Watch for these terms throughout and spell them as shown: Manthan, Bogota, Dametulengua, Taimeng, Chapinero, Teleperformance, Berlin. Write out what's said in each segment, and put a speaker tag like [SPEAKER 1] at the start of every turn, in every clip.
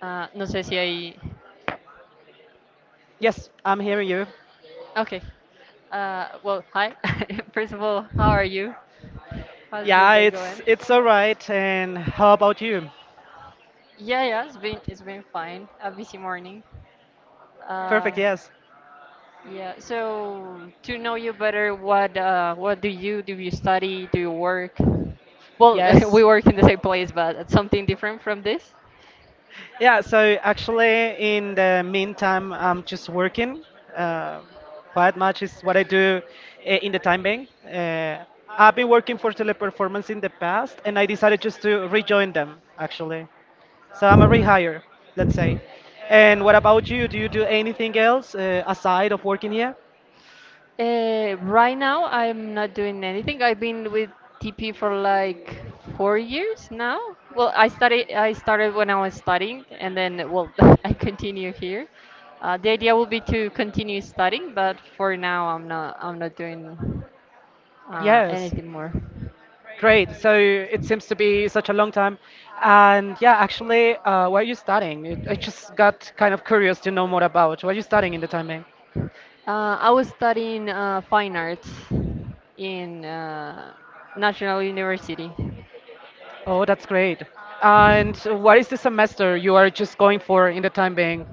[SPEAKER 1] No sé si hay.
[SPEAKER 2] Yes, I'm hearing you.
[SPEAKER 1] Okay. Well, hi. First of all, how are you? How's your
[SPEAKER 2] Yeah,
[SPEAKER 1] day
[SPEAKER 2] it's
[SPEAKER 1] going?
[SPEAKER 2] it's all right. And how about you?
[SPEAKER 1] Yeah, yeah, it's been fine. A busy morning.
[SPEAKER 2] Perfect,
[SPEAKER 1] Uh,
[SPEAKER 2] yes.
[SPEAKER 1] yeah. So to know you better, what do? You study? Do you work? Well,
[SPEAKER 2] Yes.
[SPEAKER 1] we work in the same place, but it's something different from this.
[SPEAKER 2] Yeah, so actually in the meantime, I'm just working. Uh, quite much is what I do in the time being. I've been working for Teleperformance in the past, and I decided just to rejoin them, actually. So I'm a rehire, let's say. And what about you? Do you do anything else aside of working here?
[SPEAKER 1] Right now, I'm not doing anything. I've been with TP for like 4 years now. Well, I started when I was studying, and then well, I continue here. The idea will be to continue studying, but for now, I'm not doing
[SPEAKER 2] Yes.
[SPEAKER 1] anything more.
[SPEAKER 2] Great. So it seems to be such a long time. And yeah, actually, where are you studying? I just got kind of curious to know more about what are you studying in the time being?
[SPEAKER 1] I was studying fine arts in National University.
[SPEAKER 2] Oh, that's great. And what is the semester you are just going for in the time being?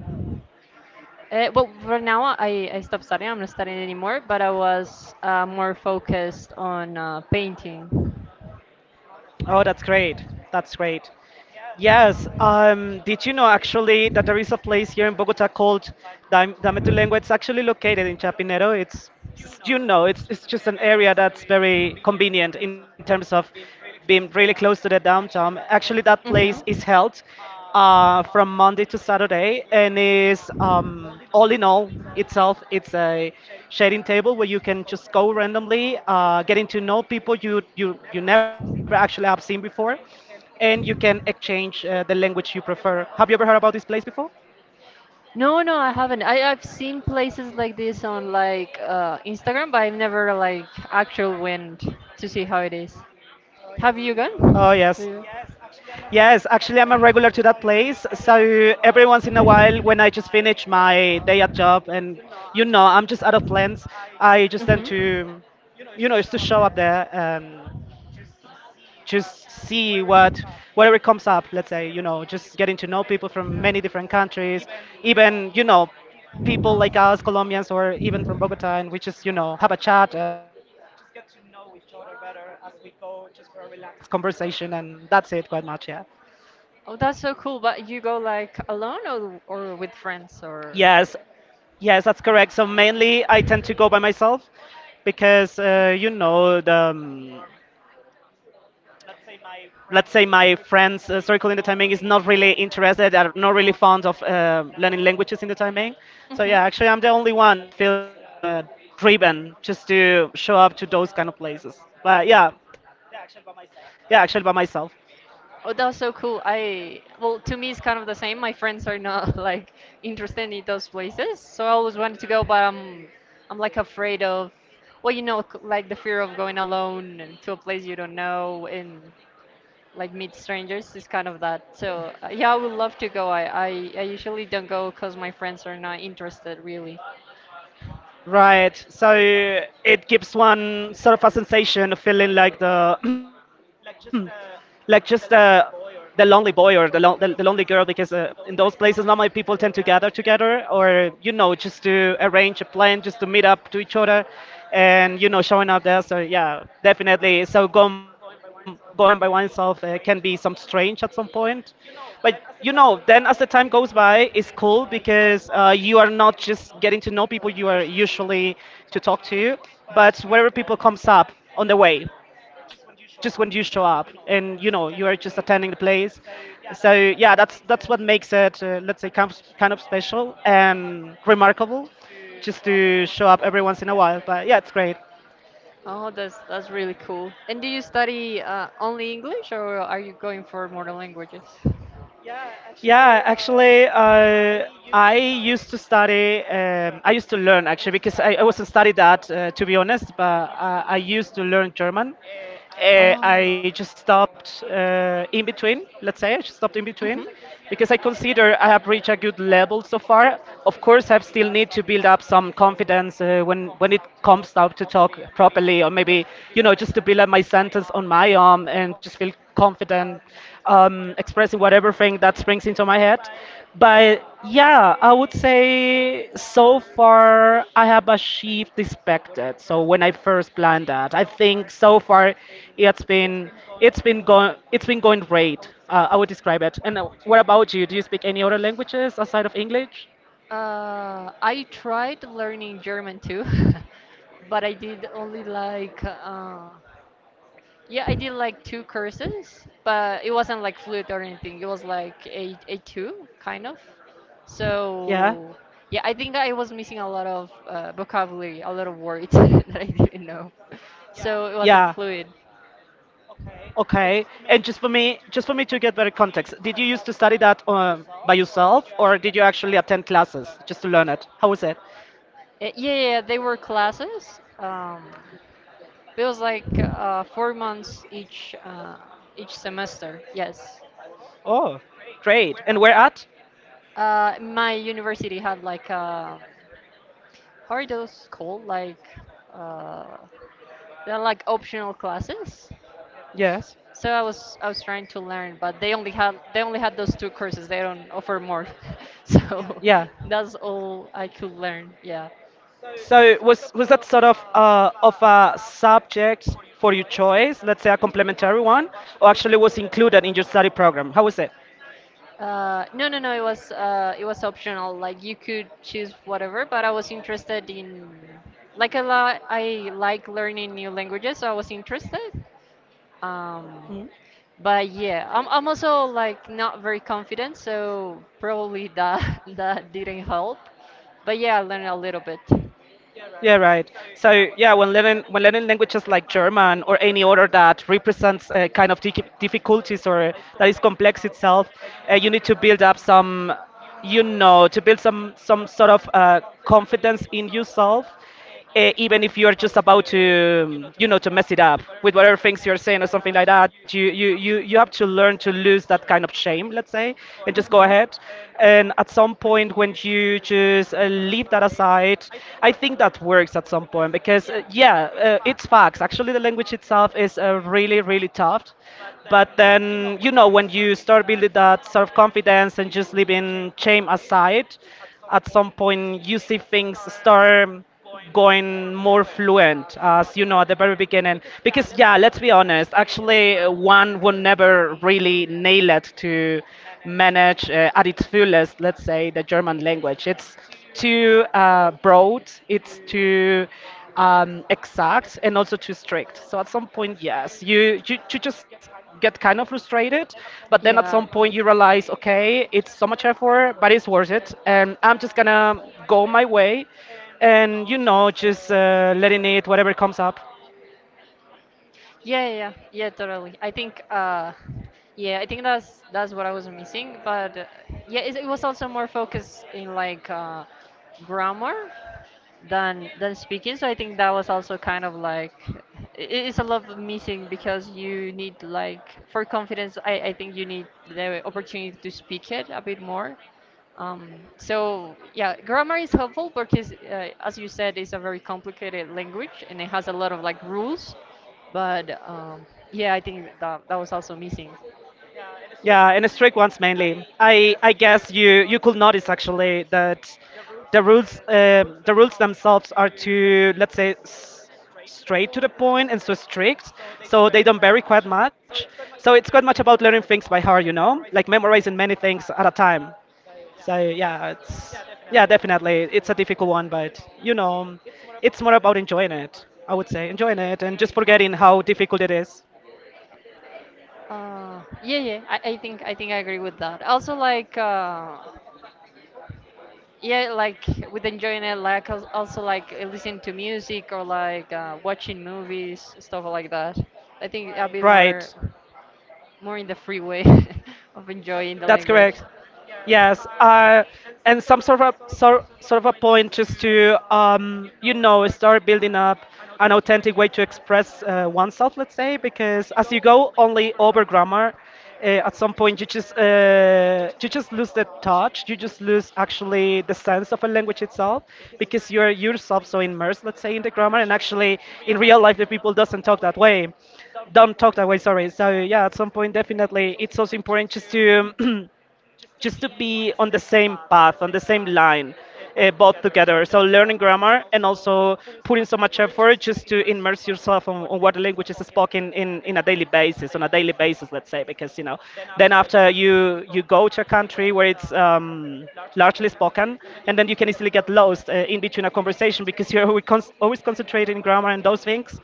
[SPEAKER 1] Well, for now, I stopped studying. I'm not studying anymore, but I was more focused on painting.
[SPEAKER 2] Oh, that's great. That's great. Yes. Did you know actually that there is a place here in Bogota called Dametulengua? It's actually located in Chapinero. It's you know, it's just an area that's very convenient in terms of being really close to the downtown. Actually, that place is held from Monday to Saturday, and is all in all itself, it's a sharing table where you can just go randomly, getting to know people you never actually have seen before and you can exchange the language you prefer. Have you ever heard about this place before?
[SPEAKER 1] No, no, I haven't. I've seen places like this on like Instagram, but I've never like actually went to see how it is. Oh,
[SPEAKER 2] Oh,
[SPEAKER 1] have you
[SPEAKER 2] yes.
[SPEAKER 1] gone? Yeah.
[SPEAKER 2] Yes, actually, I'm a regular to that place. So every once in a while, when I just finish my day at job and, you know, I'm just out of plans, I just tend
[SPEAKER 1] Hmm.
[SPEAKER 2] to, you know, just to show up there and just see whatever comes up, let's say, you know, just getting to know people from many different countries, even, you know, people like us, Colombians, or even from Bogota, and we just, you know, have a chat and just get to know each other better as we go, just for a relaxed conversation, and that's it, quite much, yeah.
[SPEAKER 1] Oh, that's so cool. But you go like alone or with friends or?
[SPEAKER 2] Yes, yes, that's correct. So mainly, I tend to go by myself because, you know, the let's say my friends circle in the Taimeng is not really interested, are not really
[SPEAKER 1] They're
[SPEAKER 2] fond of learning languages in the Taimeng. So yeah, actually I'm the only one that feels driven just to show up to those kind of places. But yeah, yeah, actually by myself.
[SPEAKER 1] Oh, that's so cool. I, well, to me, it's kind of the same. My friends are not like interested in those places, so I always wanted to go, but I'm like afraid of, well, you know, like the fear of going alone and to a place you don't know, and like meet strangers is kind of that. So yeah, I would love to go. I, I usually don't go because my friends are not interested really.
[SPEAKER 2] Right, so it gives one sort of a sensation of feeling like the like just the lonely boy or the lonely girl because in those places normally people tend to gather together or, you know, just to arrange a plan just to meet up to each other, and, you know, showing up there. So yeah, definitely, so going by oneself can be some strange at some point, but, you know, then as the time goes by it's cool because you are not just getting to know people you are usually to talk to, but wherever people comes up on the way just when you show up, and, you know, you are just attending the place. So yeah, that's what makes it let's say kind of special and remarkable, just to show up every once in a while. But yeah, it's great.
[SPEAKER 1] Oh, that's really cool. And do you study only English or are you going for more languages?
[SPEAKER 2] Yeah, actually, I used to study, I used to learn actually, because I wasn't studied that, to be honest, but I used to learn German.
[SPEAKER 1] Oh.
[SPEAKER 2] I just stopped in between, let's say, I just stopped in between,
[SPEAKER 1] Mhm.
[SPEAKER 2] because I consider I have reached a good level so far. Of course, I still need to build up some confidence when it comes out to talk properly, or maybe, you know, just to build up my sentence on my own and just feel confident, expressing whatever thing that springs into my head. But yeah, I would say so far I have achieved the expected. So when I first planned that, I think so far it's been it's been going it's been going great. I would describe it. And what about you? Do you speak any other languages aside of English?
[SPEAKER 1] I tried learning German too, but I did only like yeah, I did like two courses, but it wasn't like fluid or anything. It was like a two kind of.
[SPEAKER 2] Yeah,
[SPEAKER 1] So yeah, I think I was missing a lot of vocabulary, a lot of words that I didn't know. So it wasn't
[SPEAKER 2] yeah.
[SPEAKER 1] fluid.
[SPEAKER 2] Okay, and just for me to get better context, did you used to study that by yourself, or did you actually attend classes just to learn it? How was it?
[SPEAKER 1] Yeah, they were classes. It was like 4 months each semester. Yes.
[SPEAKER 2] Oh, great. And where at?
[SPEAKER 1] My university had like how are those called? Uh, They're like optional classes.
[SPEAKER 2] Yes.
[SPEAKER 1] So I was trying to learn, but they only had those two courses. They don't offer more. So
[SPEAKER 2] Yeah.
[SPEAKER 1] that's all I could learn. Yeah.
[SPEAKER 2] So was that sort of a subject for your choice, let's say a complementary one, or actually was included in your study program? How was it?
[SPEAKER 1] No, no, no. It was optional. Like you could choose whatever, but I was interested in like a lot. I like learning new languages, so I was interested. Um, But yeah, I'm also like not very confident, so probably that that didn't help. But yeah, I learned a little bit.
[SPEAKER 2] Yeah, right. So yeah, when learning languages like German or any other that represents uh, kind of difficulties or that is complex itself, you need to build up some, you know, to build some sort of confidence in yourself even if you're just about to you know, to mess it up with whatever things you're saying or something like that. You have to learn to lose that kind of shame, let's say, and just go ahead. And at some point, when you just leave that aside, I think that works at some point because it's facts, actually, the language itself is really really tough. But then, you know, when you start building that self-confidence and just leaving shame aside, at some point you see things start going more fluent as you know at the very beginning. Because yeah, let's be honest, actually, one would never really nail it to manage at its fullest, let's say, the German language. It's too broad, it's too exact and also too strict. So at some point, yes, you just get kind of frustrated. But then at some point you realize, okay, it's so much effort, but it's worth it, and I'm just gonna go my way, and, you know, just letting it whatever comes up.
[SPEAKER 1] Yeah, totally. I think that's what I was missing. But yeah, it was also more focused in grammar than speaking. So I think that was also kind of like it, it's a lot of missing because you need like for confidence. I think you need the opportunity to speak it a bit more. So yeah, grammar is helpful because, as you said, it's a very complicated language and it has a lot of like rules. But yeah, I think that was also missing.
[SPEAKER 2] Yeah, and strict ones mainly. I guess you could notice actually that the rules themselves are, too, let's say straight to the point and so strict, so they don't vary quite much. So it's quite much about learning things by heart, you know, like memorizing many things at a time. So yeah, it's, yeah, definitely it's a difficult one, but, you know, it's more about enjoying it. I would say enjoying it and just forgetting how difficult it is.
[SPEAKER 1] I think I agree with that. Also, like with enjoying it, like als- also like listening to music or like watching movies, stuff like that. I think I'll be more
[SPEAKER 2] Right.
[SPEAKER 1] more in the free way of enjoying the
[SPEAKER 2] That's
[SPEAKER 1] language.
[SPEAKER 2] correct. Yes, and some sort of sort of a point just to you know, start building up an authentic way to express oneself, let's say, because as you go only over grammar, at some point you just lose the touch, you just lose actually the sense of a language itself, because you're yourself so immersed, let's say, in the grammar, and actually in real life the people doesn't talk that way don't talk that way sorry. So yeah, at some point, definitely, it's also important just to just to be on the same path, on the same line, both together. So learning grammar and also putting so much effort just to immerse yourself on what language is spoken in a daily basis, on a daily basis, let's say, because, you know, then after you you go to a country where it's largely spoken, and then you can easily get lost in between a conversation because you're always, always concentrating in grammar and those things,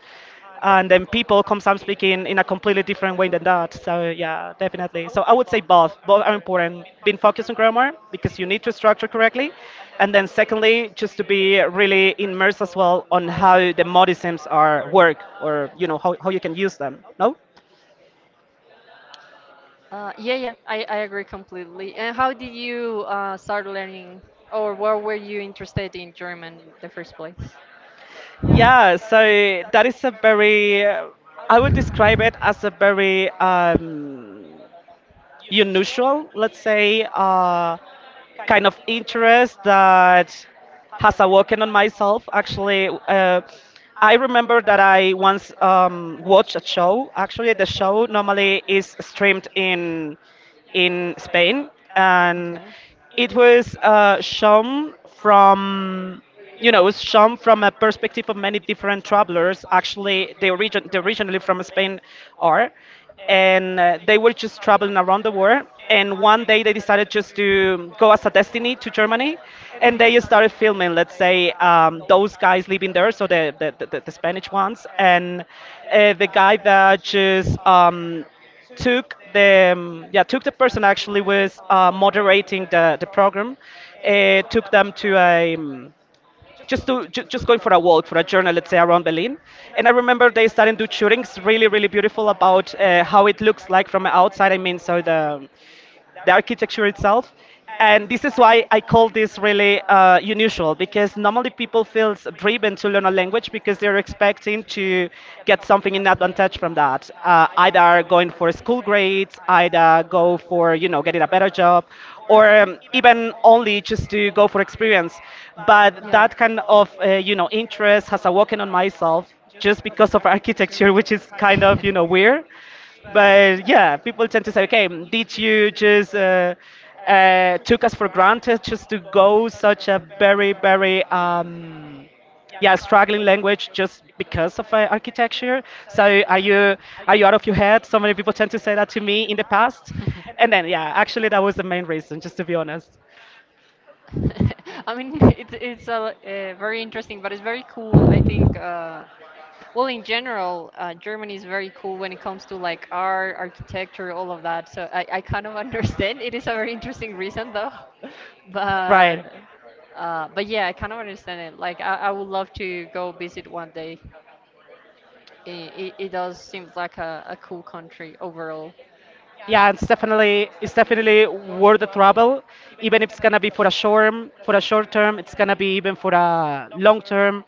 [SPEAKER 2] and then people come some speaking in a completely different way than that. So yeah, definitely. So I would say both. Both are important. Being focused on grammar because you need to structure correctly, and then secondly, just to be really immersed as well on how the modisms are work, or, you know, how you can use them. No.
[SPEAKER 1] I agree completely. And how did you start learning, or where were you interested in German in the first place?
[SPEAKER 2] Yeah. So that is a very I would describe it as a very unusual, let's say, kind of interest that has awoken on myself. Actually, I remember that I once watched a show. Actually, the show normally is streamed in Spain, and
[SPEAKER 1] Okay.
[SPEAKER 2] it was shown from, you know, it was shown from a perspective of many different travelers. Actually, they origin they originally from Spain are, and they were just traveling around the world. And one day they decided just to go as a destiny to Germany, and they started filming. Let's say those guys living there, so the Spanish ones, and the guy that just took the took the person actually was moderating the program, took them to a just to just going for a walk for a journey, let's say, around Berlin, and I remember they started to do shootings really, really beautiful about how it looks like from outside. The architecture itself. And this is why I call this really unusual, because normally people feel driven to learn a language because they're expecting to get something in advantage from that. Either going for school grades, either go for, you know, getting a better job, or even only just to go for experience. But that kind of, you know, interest has awoken on myself just because of architecture, which is kind of, you know, weird. But yeah, people tend to say, okay, did you just took us for granted just to go such a very, very yeah struggling language just because of architecture? So are you, are you out of your head? So many people tend to say that to me in the past,
[SPEAKER 1] And then,
[SPEAKER 2] and then,
[SPEAKER 1] yeah,
[SPEAKER 2] yeah,
[SPEAKER 1] actually, that
[SPEAKER 2] actually
[SPEAKER 1] was
[SPEAKER 2] that
[SPEAKER 1] the
[SPEAKER 2] was the
[SPEAKER 1] main
[SPEAKER 2] main
[SPEAKER 1] reason,
[SPEAKER 2] reason, just to be honest.
[SPEAKER 1] just to be honest. I mean, it's it's very interesting, but it's very cool. In general, Germany is very cool when it comes to like art, architecture, all of that. So I kind of understand. It is a very interesting reason though, but
[SPEAKER 2] Right.
[SPEAKER 1] but yeah, I kind of understand it. I would love to go visit one day. It does seem like a cool country overall.
[SPEAKER 2] Yeah, it's definitely worth the trouble, even if it's gonna be for a short, for a short term. It's gonna be even for a long term,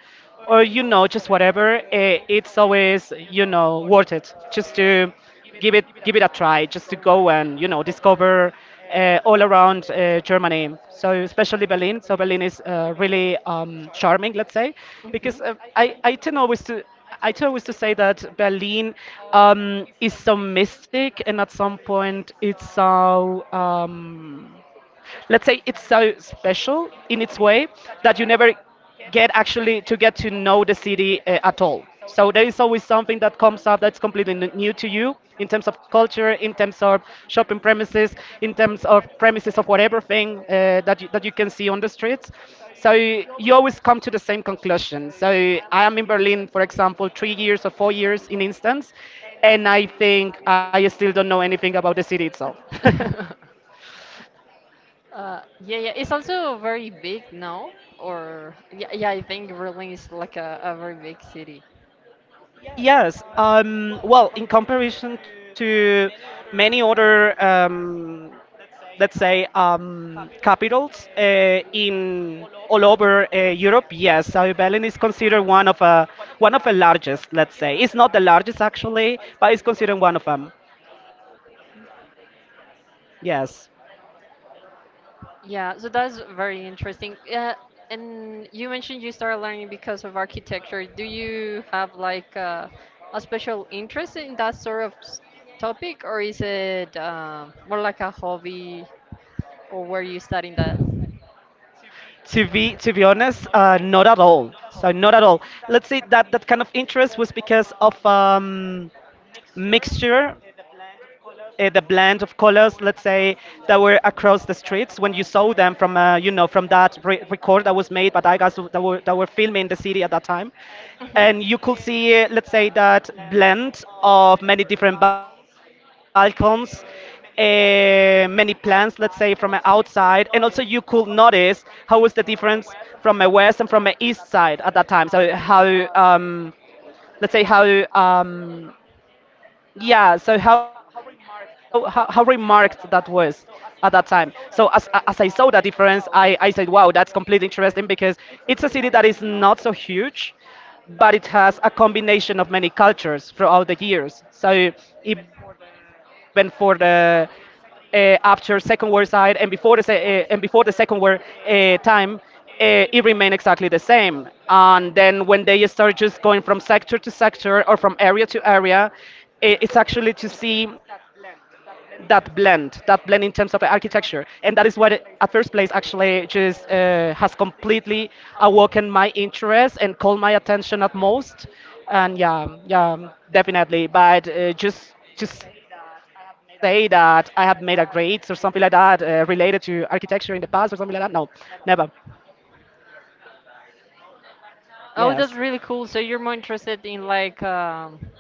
[SPEAKER 2] or, you know, just whatever. It's always, you know, worth it, just to give it a try, just to go and, you know, discover all around Germany. So especially Berlin. So Berlin is really charming, let's say, because I tend always to, I thought it was to say that Berlin is so mystic, and at some point it's so let's say, it's so special in its way that you never get actually to get to know the city at all. So there is always something that comes up that's completely new to you in terms of culture, in terms of shopping premises, in terms of premises of whatever thing that that you can see on the streets. So you always come to the same conclusion. So I am in Berlin, for example, 3 years or 4 years in instance, and I think I still don't know anything about the city itself.
[SPEAKER 1] Hmm. Yeah, it's also very big now, or yeah, yeah, I think Berlin is like a very big city.
[SPEAKER 2] Yes, well, in comparison to many other, let's say, capitals in all over Europe, yes, Berlin is considered one of the largest. Let's say it's not the largest actually, but it's considered one of them. Yes.
[SPEAKER 1] Yeah, so that's very interesting. Yeah, and you mentioned you started learning because of architecture. Do you have like a special interest in that sort of topic, or is it more like a hobby, or were you studying that?
[SPEAKER 2] To be, to be honest, not at all. So not at all. Let's say that that kind of interest was because of mixture, the blend of colors, let's say, that were across the streets when you saw them from, you know, from that record that was made by guys that were filming the city at that time, and you could see, let's say, that blend of many different balcons. Many plants, let's say, from a outside, and also you could notice how was the difference from a west and from a east side at that time. So how, um, let's say, how how remarked that was at that time. So as as I saw that difference, I said, wow, that's completely interesting because it's a city that is not so huge, but it has a combination of many cultures throughout the years. So even for the after Second World side, and before the se- and before the Second World time, it remained exactly the same. And then when they start just going from sector to sector, or from area to area, it's actually to see that blend in terms of architecture, and that is what at first place actually just has completely awoken my interest and called my attention at most. And yeah, yeah, definitely, but just to say that I have made a grades or something like that related to architecture in the past or something like that, no, never.
[SPEAKER 1] Oh, that's
[SPEAKER 2] Yes.
[SPEAKER 1] really cool. So you're more interested in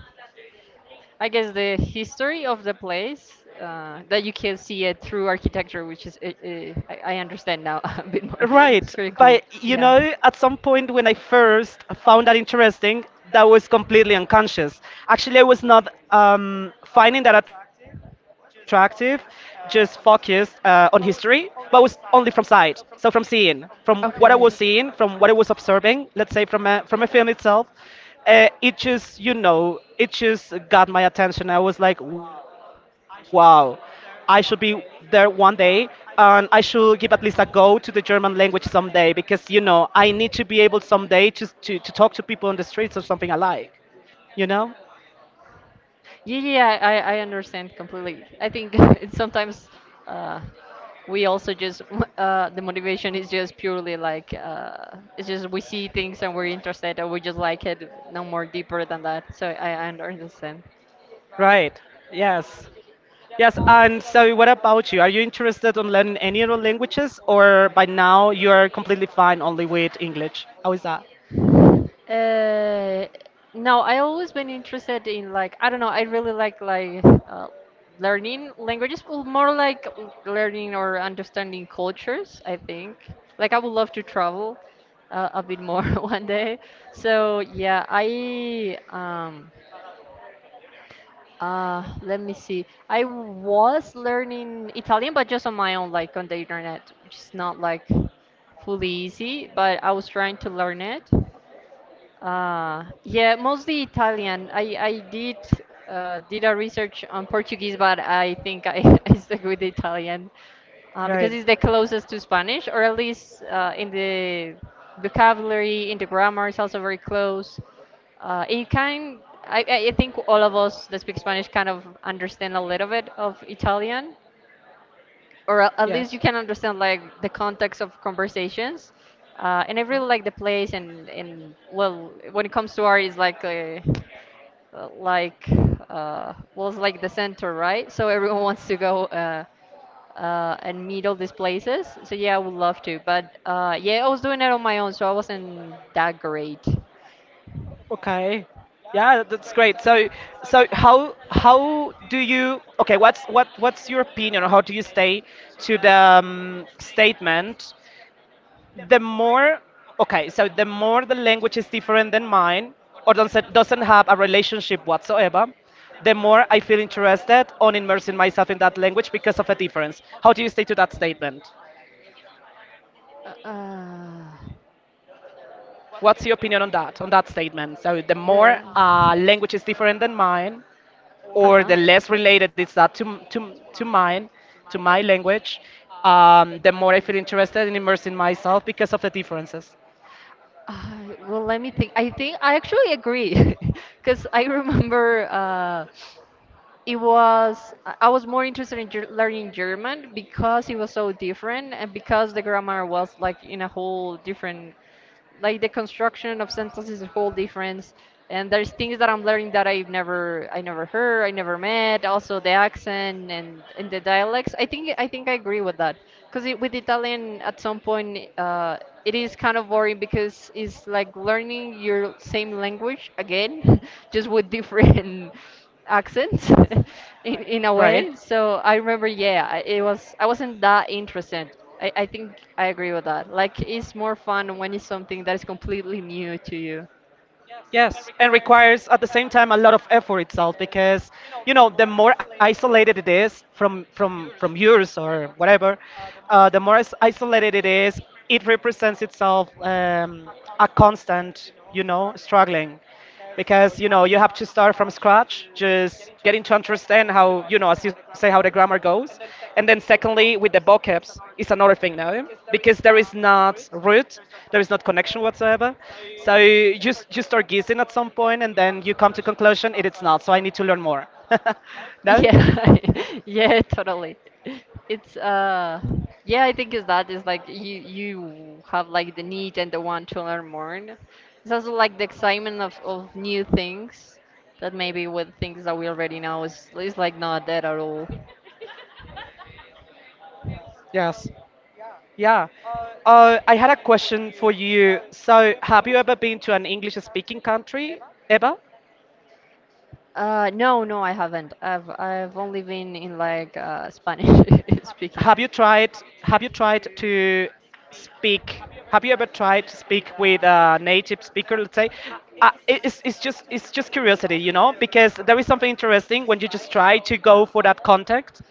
[SPEAKER 1] I guess the history of the place that you can see it through architecture, which I understand now a bit more. Right, it's
[SPEAKER 2] Right,
[SPEAKER 1] pretty cool.
[SPEAKER 2] but you
[SPEAKER 1] Yeah.
[SPEAKER 2] know, at some point when I first found that interesting, that was completely unconscious. Actually, I was not finding that attractive, just focused on history, but was only from sight. So from seeing, from what I was
[SPEAKER 1] Okay.
[SPEAKER 2] seeing, from what I was observing, let's say from from a film itself, it just, you know, it just got my attention. I was like, wow. I should be there one day, and I should give at least a go to the German language someday because, you know, I need to be able someday to, to talk to people on the streets or something I like, you know?
[SPEAKER 1] Yeah, I understand completely. I think it's sometimes uh, we also just the motivation is just purely like it's just we see things and we're interested and we just like it, no more deeper than that. So I understand.
[SPEAKER 2] Right. Yes. Yes. And so, what about you? Are you interested on learning any other languages, or by now you are completely fine only with English? How is that?
[SPEAKER 1] Uh, no, I always been interested in like I don't know. I really like learning languages, well, more like learning or understanding cultures. I think like I would love to travel a bit more one day. So yeah, I let me see. I was learning Italian, but just on my own, like on the internet, which is not like fully easy. But I was trying to learn it. Yeah, mostly Italian. I did a research on Portuguese, but I think I, I stuck with Italian because
[SPEAKER 2] Right.
[SPEAKER 1] it's the closest to Spanish, or at least in the vocabulary, in the grammar, it's also very close. It kind I think all of us that speak Spanish kind of understand a little bit of Italian or at least you
[SPEAKER 2] Yes.
[SPEAKER 1] can understand like the context of conversations. And I really like the place, and well, when it comes to art, it's like a, like well, it's like the center, right? So everyone wants to go and meet all these places. So yeah, I would love to, but yeah, I was doing it on my own, so I wasn't that great.
[SPEAKER 2] Okay. Yeah, that's great. So, so how do you? Okay, what what's your opinion on how do you stay to the statement? The more, okay, so the more the language is different than mine, or doesn't have a relationship whatsoever, the more I feel interested on immersing myself in that language because of a difference. How do you stay to that statement?
[SPEAKER 1] Uh,
[SPEAKER 2] What's your opinion on that? On that statement? So the more language is different than mine, or the less related it's not to mine, to my language, the more I feel interested in immersing myself because of the differences,
[SPEAKER 1] well, let me think. I think I actually agree because I remember. It was I was more interested in learning German because it was so different and because the grammar was like in a whole different like the construction of sentences is a whole difference and there's things that I'm learning that I never heard, I never met, also the accent and the dialects. I think I agree with that because with Italian at some point it is kind of boring because it's like learning your same language again just with different accent in a
[SPEAKER 2] right?
[SPEAKER 1] way. So I remember, yeah, it was I wasn't that interested. I think I agree with that. Like it's more fun when it's something that is completely new to you.
[SPEAKER 2] Yes, and requires at the same time a lot of effort itself, because you know, the more isolated it is from from yours or whatever, isolated it is, it represents itself a constant, you know, struggling. Because you know, you have to start from scratch, just getting to understand how, you know, as you say, how the grammar goes. And then secondly, with the vocabs, it's another thing now, because there is not root, there is not connection whatsoever. So you just, you start guessing at some point, and then you come to conclusion it is not so I need to learn more. No.
[SPEAKER 1] Yeah, yeah, totally. It's Yeah, I think it's that is like you have like the need and the want to learn more. It's also like the excitement of new things that maybe with things that we already know is like not that at all.
[SPEAKER 2] Yes. Yeah. I had a question for you. So have you ever been to an English speaking country ever?
[SPEAKER 1] No, no, I haven't. I've only been in like Spanish speaking.
[SPEAKER 2] Have you tried? Have you tried to speak? Have you ever tried to speak with a native speaker? Let's say, it's just, it's just curiosity, you know, because there is something interesting when you just try to go for that contact,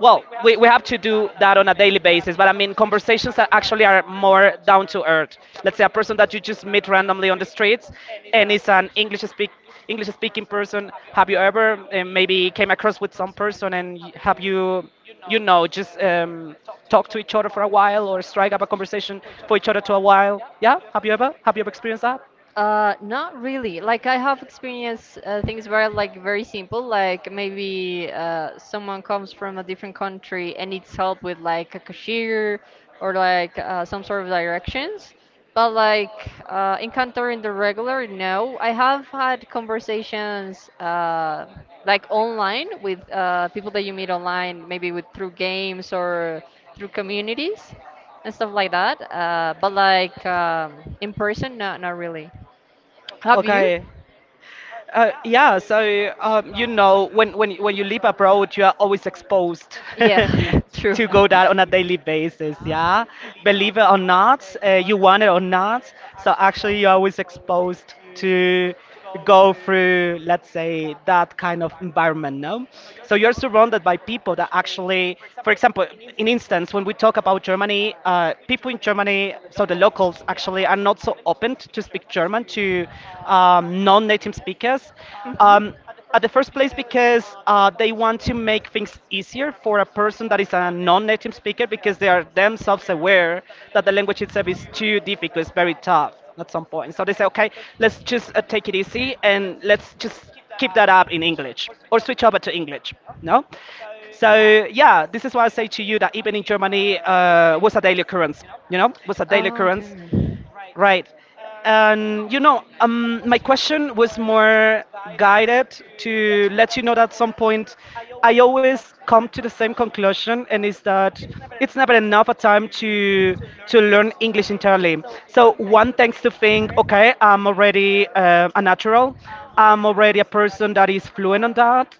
[SPEAKER 2] well, we have to do that on a daily basis, but I mean, conversations that actually are more down to earth. Let's say a person that you just meet randomly on the streets and is an English speak English speaking person. Have you ever maybe came across with some person and have you, you know, just talk to each other for a while or strike up a conversation for each other to a while? Yeah, have you ever, have you ever experienced that?
[SPEAKER 1] Not really. Like I have experienced things where like very simple, like maybe someone comes from a different country and needs help with like a cashier or like some sort of directions. But like encountering the regular, no. I have had conversations like online with people that you meet online, maybe with through games or through communities and stuff like that. But in person, no, not really. Have you?
[SPEAKER 2] Okay. Yeah, so you know, when when you live abroad, you are always exposed
[SPEAKER 1] Yeah, true.
[SPEAKER 2] to go that on a daily basis. Yeah, believe it or not, you want it or not. So actually, you're always exposed to go through, let's say, that kind of environment. No, so you're surrounded by people that actually, for example, in instance, when we talk about Germany, people in Germany, so the locals actually are not so open to speak German relevant to non-native speakers. Um, at the first place, because they want to make things easier for a person that is a non-native speaker, because they are themselves aware that the language itself is too difficult, it's very tough at some point. So they say, okay, let's just take it easy, and let's just keep that up in English or switch over to English. No, so yeah, this is why I say to you that even in Germany, was a daily occurrence. You know, was a daily occurrence. Right. And you know, my question was more guided to let you know that at some point I always come to the same conclusion, and is that it's never enough a time to learn English entirely. So one tends to think, okay, I'm already a natural. I'm already a person that is fluent on that.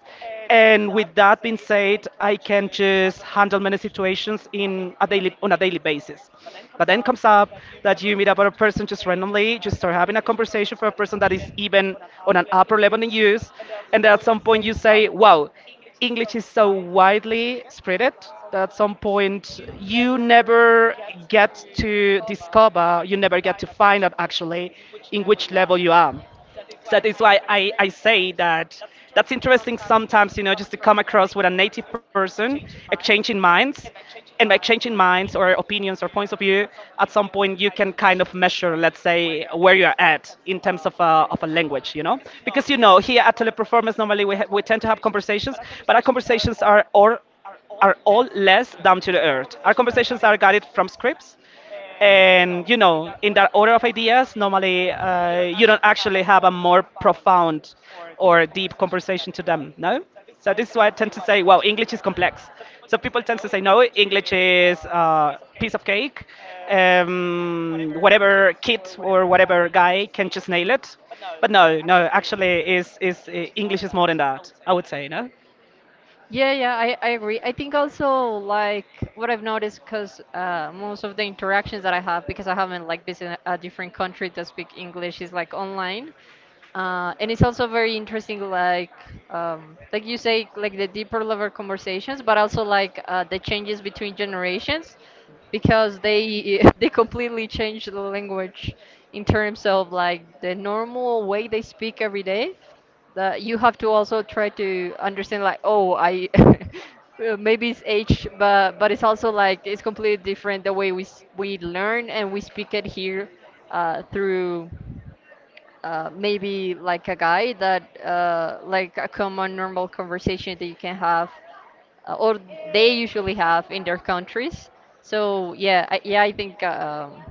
[SPEAKER 2] And with that being said, I can just handle many situations in a daily, on a daily basis. But then comes up that you meet up with a person just randomly, just start having a conversation for a person that is even on an upper level in use, and at some point you say, "Wow, English is so widely spreaded that at some point you never get to discover, you never get to find out actually in which level you are." So that is why I say that that's interesting sometimes, just to come across with a native person, exchanging minds. And by exchanging minds or opinions or points of view, at some point you can kind of measure, let's say, where you are at in terms of of a language, you know? Because, you know, here at Teleperformance, normally we tend to have conversations, but our conversations are all less down to the earth. Our conversations are guided from scripts, and you know, in that order of ideas, normally you don't actually have a more profound or deep conversation to them, no? So this is why I tend to say, well, English is complex. So people tend to say, no, English is a piece of cake. Whatever kid or whatever guy can just nail it. But no, no, actually, is English is more than that. I would say, no.
[SPEAKER 1] Yeah, I agree. I think also like what I've noticed, because most of the interactions that I have, because I haven't like visited a different country that speak English, is like online, and it's also very interesting, like you say, like the deeper level conversations, but also like the changes between generations, because they they completely change the language in terms of like the normal way they speak every day, that you have to also try to understand like, oh, I maybe it's age, but it's also like it's completely different the way we learn and we speak it here, through maybe like a guy that like a common normal conversation that you can have, or they usually have in their countries. So yeah, I think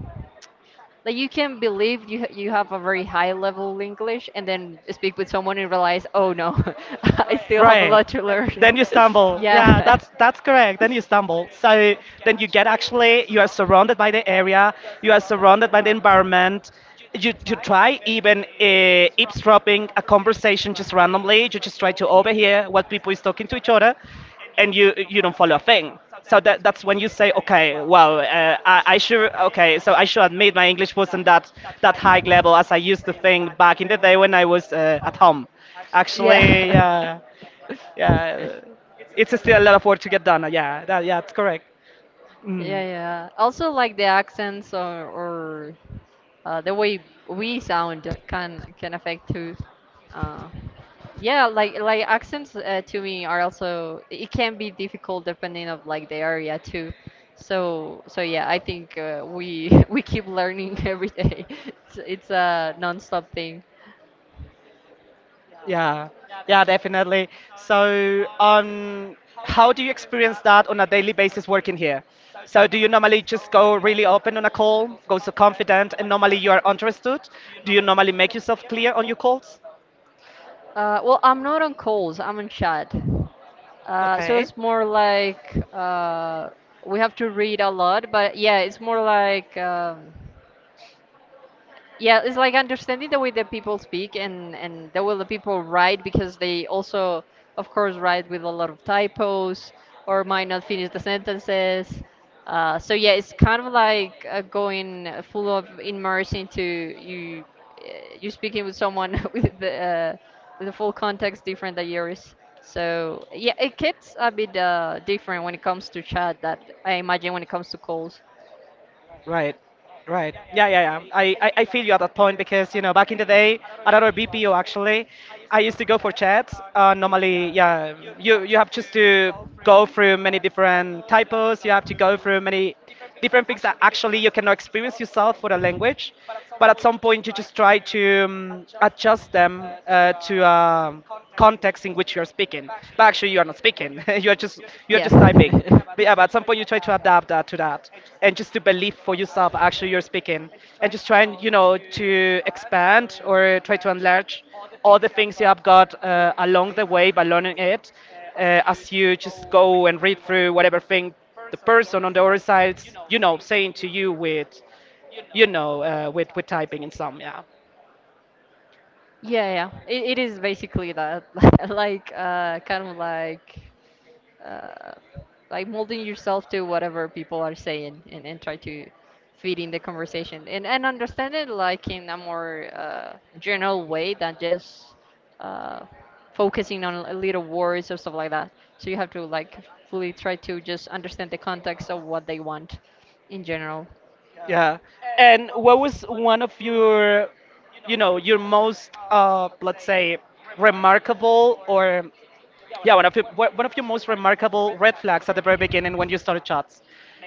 [SPEAKER 1] like you can believe you have a very high level English, and then speak with someone and realize, oh no, I still have a
[SPEAKER 2] Right.
[SPEAKER 1] lot to learn.
[SPEAKER 2] Then you stumble. Yeah,
[SPEAKER 1] Yeah.
[SPEAKER 2] that's correct. Then you stumble. So then you get actually you are surrounded by the area, you are surrounded by the environment. You try even eavesdropping a conversation just randomly. You just try to overhear what people is talking to each other, and you don't follow a thing. So that's when you say, okay, well, I should okay, so I should admit my English wasn't that high level as I used to think back in the day when I was at home. Actually,
[SPEAKER 1] uh,
[SPEAKER 2] yeah.
[SPEAKER 1] uh,
[SPEAKER 2] Yeah, it's still a lot of work to get done. Yeah, it's correct. Mm,
[SPEAKER 1] Yeah, yeah. Also like the accents, or the way we sound can affect too. Uh, yeah, like accents, to me, are also, it can be difficult depending of like the area too. So yeah, I think we we keep learning every day. It's a non-stop thing.
[SPEAKER 2] yeah, yeah, definitely. So, how do you experience that on a daily basis working here? So, do you normally just go really open on a call, go so confident, and normally you are understood? Do you normally make yourself clear on your calls?
[SPEAKER 1] Well, I'm not on calls. I'm on chat. So
[SPEAKER 2] Okay.
[SPEAKER 1] it's more like, we have to read a lot, but yeah, it's more like. Yeah, it's like understanding the way that people speak, and the way the people write, because they also, of course, write with a lot of typos or might not finish the sentences. So yeah, it's kind of like going full of immerse into you. Uh, you speaking with someone with the with a full context different than yours. So yeah, it gets a bit different when it comes to chat. That I imagine when it comes to calls.
[SPEAKER 2] Right, right. Yeah, yeah, yeah. I feel you at that point because, you know, back in the day, at our BPO actually, I used to go for chats. Normally, yeah, you have just to go through many different typos, you have to go through many different things that actually you cannot experience yourself for the language. But at some point, you just try to adjust them to. Context in which you're speaking. But actually, you are not speaking. You are just typing. But yeah, but at some point you try to adapt that to that, and just to believe for yourself actually you're speaking, and just try and you know to expand or try to enlarge all the things you have got along the way by learning it, as you just go and read through whatever thing the person on the other side's you know saying to you with, you know, with typing and some yeah.
[SPEAKER 1] Yeah, yeah. It is basically that. Like, kind of uh, like molding yourself to whatever people are saying, and try to feed in the conversation, and understand it like in a more general way than just uh, focusing on a little words or stuff like that. So you have to like fully try to just understand the context of what they want in general.
[SPEAKER 2] Yeah. And what was one of your, you know, your most, let's say, remarkable or, yeah, one of your one of your most remarkable red flags at the very beginning when you started chats?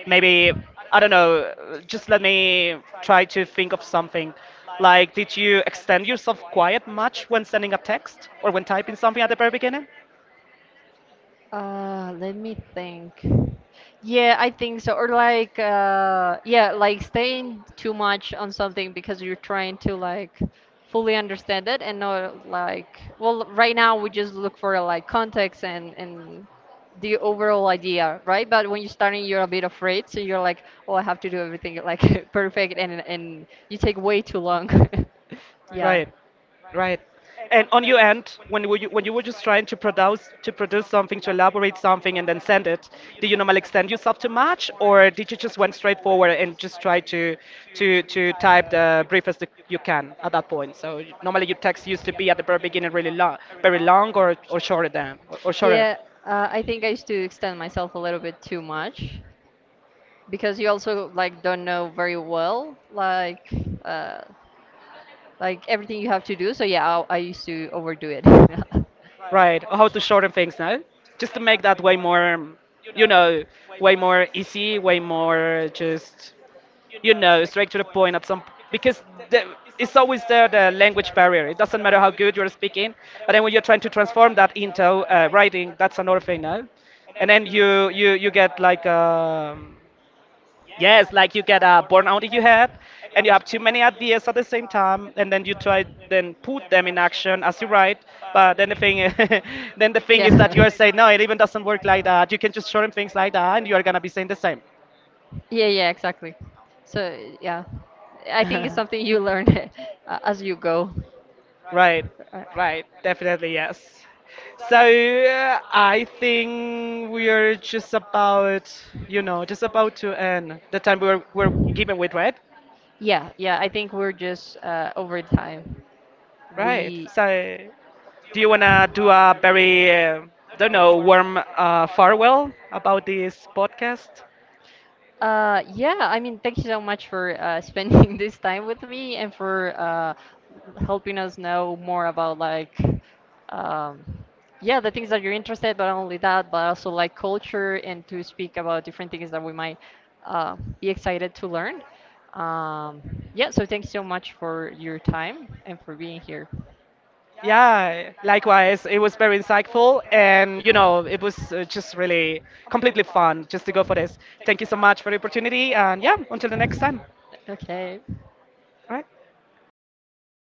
[SPEAKER 2] Maybe, I don't know, just let me try to think of something. Like, did you extend yourself quiet much when sending a text or when typing something at the very beginning?
[SPEAKER 1] Let me think. Yeah, I think so. Or like, yeah, like staying too much on something because you're trying to like fully understand it, and not like, well, right now we just look for like context and the overall idea, right? But when you're starting, you're a bit afraid, so you're like, oh, I have to do everything like perfect, and you take way too long. Yeah.
[SPEAKER 2] Right, right. And on your end, when you were just trying to produce something, to elaborate something, and then send it, did you normally extend yourself to match, or did you just went straight forward and just try to to type the briefest that you can at that point? So normally your text used to be at the very beginning really long, very long, or or shorter.
[SPEAKER 1] Yeah, I think I used to extend myself a little bit too much, because you also like don't know very well uh, like everything you have to do. So yeah, I used to overdo it.
[SPEAKER 2] Right. Or how to shorten things now, just to make that way more, you know, way more easy, way more just you know, straight to the point at some because the, it's always there the language barrier. It doesn't matter how good you're speaking, but then when you're trying to transform that into writing, that's another thing now. And then you get like yes, like you get a burnout in your head, and you have too many ideas at the same time, and then you try then put them in action as you write. But then the thing then the thing is
[SPEAKER 1] Yeah.
[SPEAKER 2] that you are saying no, it even doesn't work like that. You can just show shorten things like that, and you are gonna be saying the same.
[SPEAKER 1] Yeah, yeah, exactly. So yeah, I think it's something you learn as you go.
[SPEAKER 2] Right,
[SPEAKER 1] Uh,
[SPEAKER 2] right, definitely yes. So I think we are just about, you know, just about to end the time were given with, right?
[SPEAKER 1] Yeah, yeah, I think we're just over time.
[SPEAKER 2] Right.
[SPEAKER 1] We,
[SPEAKER 2] So do you wanna do a very, don't know, warm farewell about this podcast?
[SPEAKER 1] yeah, I mean, thank you so much for spending this time with me, and for helping us know more about like, um, yeah, the things that you're interested, but not only that, but also like culture, and to speak about different things that we might be excited to learn. Um, yeah, so thank you so much for your time and for being here.
[SPEAKER 2] Yeah, likewise. It was very insightful, and you know, it was just really completely fun just to go for this. Thank you so much for the opportunity, and yeah, until the next time.
[SPEAKER 1] Okay.
[SPEAKER 2] All right.